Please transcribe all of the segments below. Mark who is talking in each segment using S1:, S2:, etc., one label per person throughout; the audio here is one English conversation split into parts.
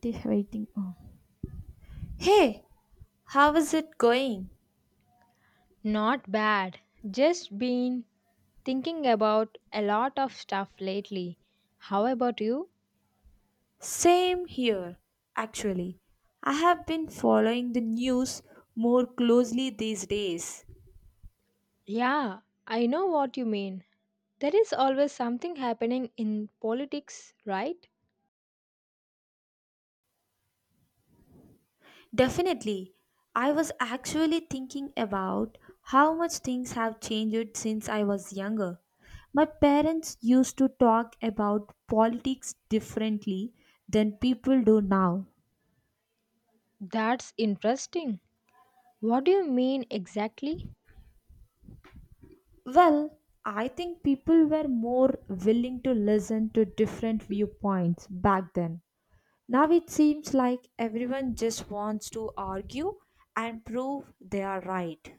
S1: This waiting. Oh. Hey, how is it going?
S2: Not bad. Just been thinking about a lot of stuff lately. How about you?
S1: Same here, actually. I have been following the news more closely these days.
S2: Yeah, I know what you mean. There is always something happening in politics, right?
S1: Definitely. I was actually thinking about how much things have changed since I was younger. My parents used to talk about politics differently than people do now.
S2: That's interesting. What do you mean exactly?
S1: Well, I think people were more willing to listen to different viewpoints back then. Now it seems like everyone just wants to argue and prove they are right.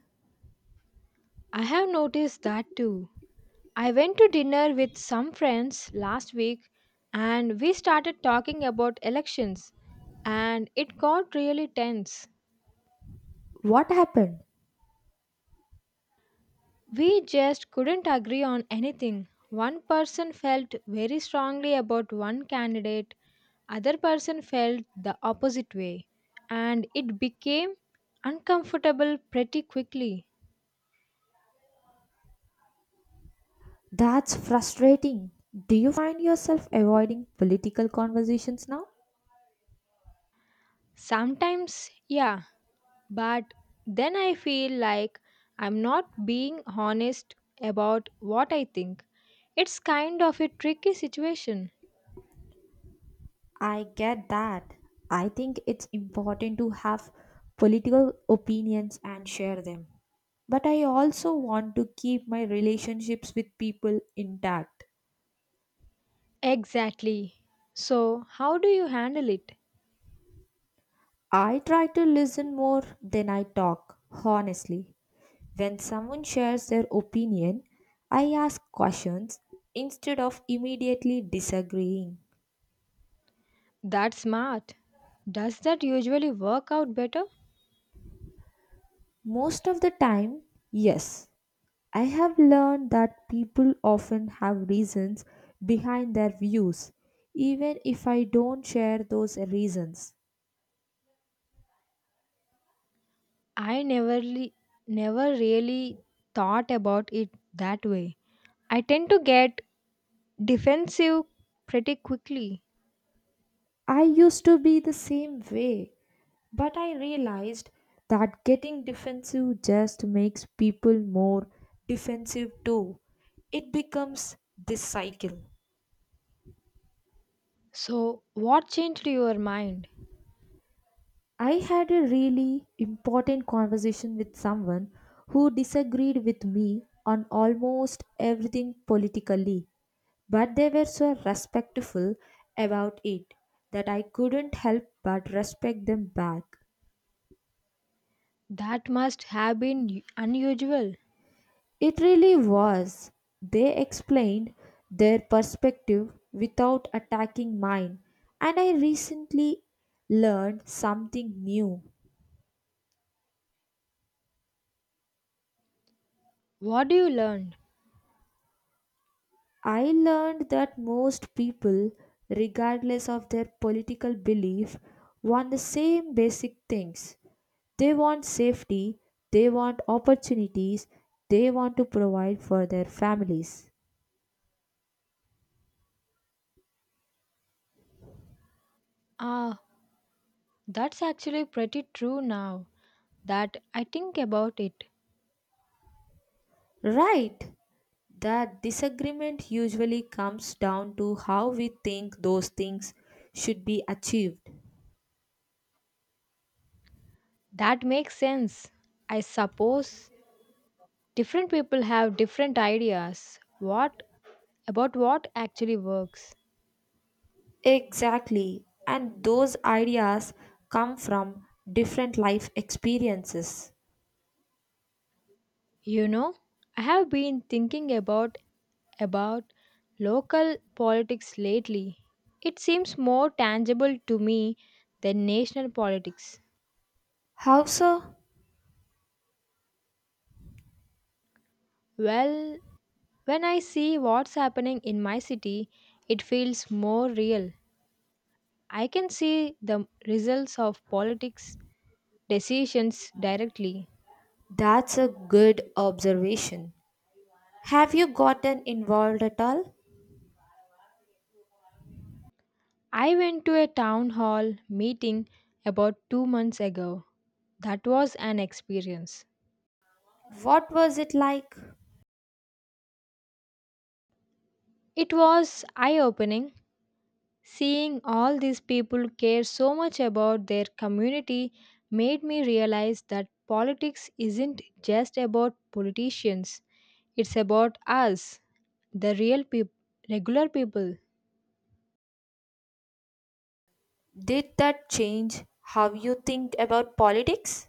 S2: I have noticed that too. I went to dinner with some friends last week and we started talking about elections, and it got really tense.
S1: What happened?
S2: We just couldn't agree on anything. One person felt very strongly about one candidate, other person felt the opposite way, and it became uncomfortable pretty quickly.
S1: That's frustrating. Do you find yourself avoiding political conversations now?
S2: Sometimes, yeah, but then I feel like I'm not being honest about what I think. It's kind of a tricky situation.
S1: I get that. I think it's important to have political opinions and share them. But I also want to keep my relationships with people intact.
S2: Exactly. So, how do you handle it?
S1: I try to listen more than I talk, honestly. When someone shares their opinion, I ask questions instead of immediately disagreeing.
S2: That's smart. Does that usually work out better?
S1: Most of the time, yes, I have learned that people often have reasons behind their views, even if I don't share those reasons.
S2: I never really thought about it that way. I tend to get defensive pretty quickly.
S1: I used to be the same way, but I realized that getting defensive just makes people more defensive too. It becomes this cycle.
S2: So, what changed your mind?
S1: I had a really important conversation with someone who disagreed with me on almost everything politically. But they were so respectful about it that I couldn't help but respect them back.
S2: That must have been unusual.
S1: It really was. They explained their perspective without attacking mine, and I recently learned something new.
S2: What do you learn?
S1: I learned that most people, regardless of their political belief, want the same basic things. They want safety, they want opportunities, they want to provide for their families.
S2: Ah, that's actually pretty true now that I think about it.
S1: Right. That disagreement usually comes down to how we think those things should be achieved.
S2: That makes sense. I suppose different people have different ideas. What about what actually works.
S1: Exactly. And those ideas come from different life experiences.
S2: You know, I have been thinking about local politics lately. It seems more tangible to me than national politics.
S1: How so?
S2: Well, when I see what's happening in my city, it feels more real. I can see the results of politics decisions directly.
S1: That's a good observation. Have you gotten involved at all?
S2: I went to a town hall meeting about 2 months ago. That was an experience.
S1: What was it like?
S2: It was eye opening. Seeing all these people care so much about their community made me realize that politics isn't just about politicians, it's about us, the real people, regular people.
S1: Did that change how you think about politics?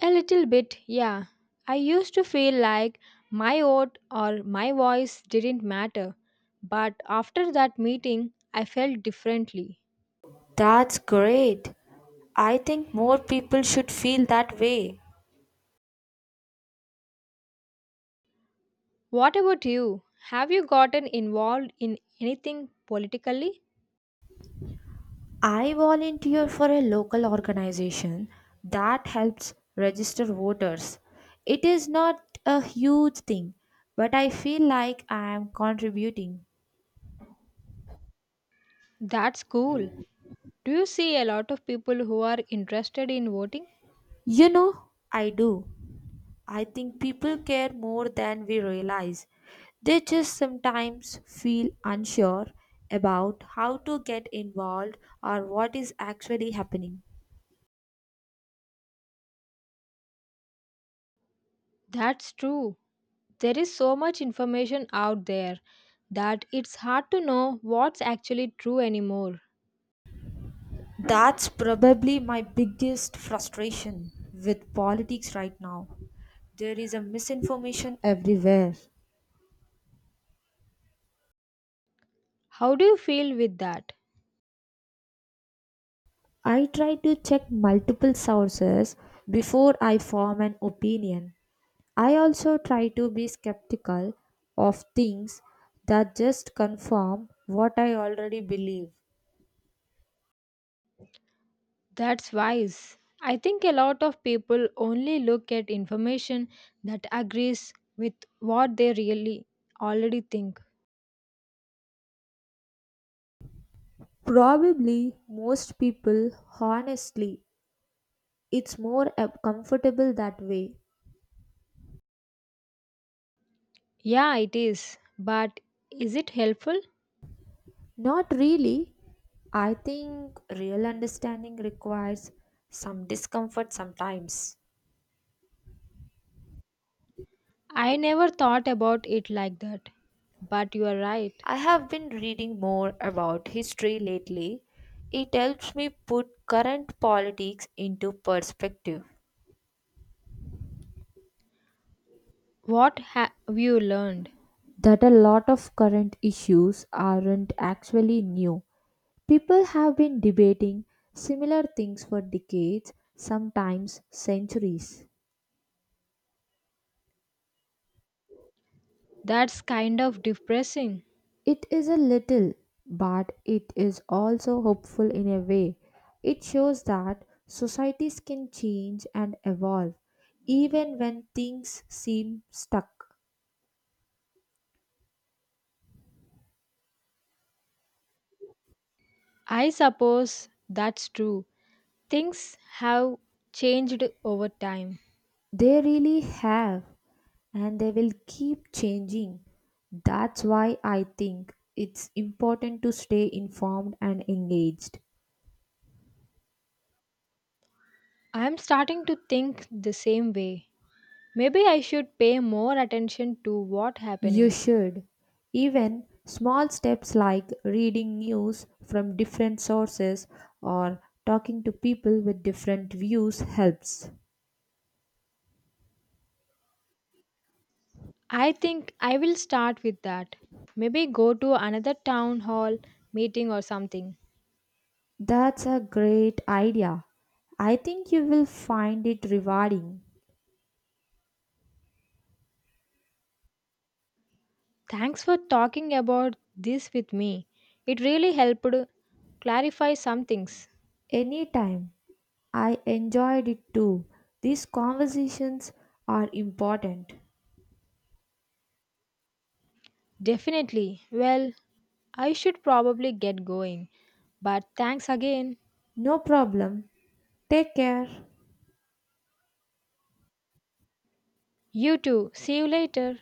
S2: A little bit, yeah. I used to feel like my vote or my voice didn't matter, but after that meeting, I felt differently.
S1: That's great. I think more people should feel that way.
S2: What about you? Have you gotten involved in anything politically?
S1: I volunteer for a local organization that helps register voters. It is not a huge thing, but I feel like I am contributing.
S2: That's cool. Do you see a lot of people who are interested in voting?
S1: You know, I do. I think people care more than we realize. They just sometimes feel unsure about how to get involved or what is actually happening.
S2: That's true. There is so much information out there that it's hard to know what's actually true anymore.
S1: That's probably my biggest frustration with politics right now. There is a misinformation everywhere.
S2: How do you feel with that?
S1: I try to check multiple sources before I form an opinion, I also try to be skeptical of things that just confirm what I already believe.
S2: That's wise. I think a lot of people only look at information that agrees with what they really already think.
S1: Probably most people, honestly, it's more comfortable that way.
S2: Yeah, it is. But is it helpful?
S1: Not really. I think real understanding requires some discomfort sometimes.
S2: I never thought about it like that. But you are right.
S1: I have been reading more about history lately. It helps me put current politics into perspective.
S2: What have you learned?
S1: That a lot of current issues aren't actually new. People have been debating similar things for decades, sometimes centuries.
S2: That's kind of depressing.
S1: It is a little, but it is also hopeful in a way. It shows that societies can change and evolve, even when things seem stuck.
S2: I suppose that's true. Things have changed over time.
S1: They really have. And they will keep changing. That's why I think it's important to stay informed and engaged.
S2: I'm starting to think the same way. Maybe I should pay more attention to what's
S1: You
S2: happening.
S1: should. Even small steps like reading news from different sources or talking to people with different views helps.
S2: I think I will start with that. Maybe go to another town hall meeting or something.
S1: That's a great idea. I think you will find it rewarding.
S2: Thanks for talking about this with me. It really helped clarify some things.
S1: Anytime. I enjoyed it too. These conversations are important.
S2: Definitely. Well, I should probably get going. But thanks again.
S1: No problem. Take care.
S2: You too. See you later.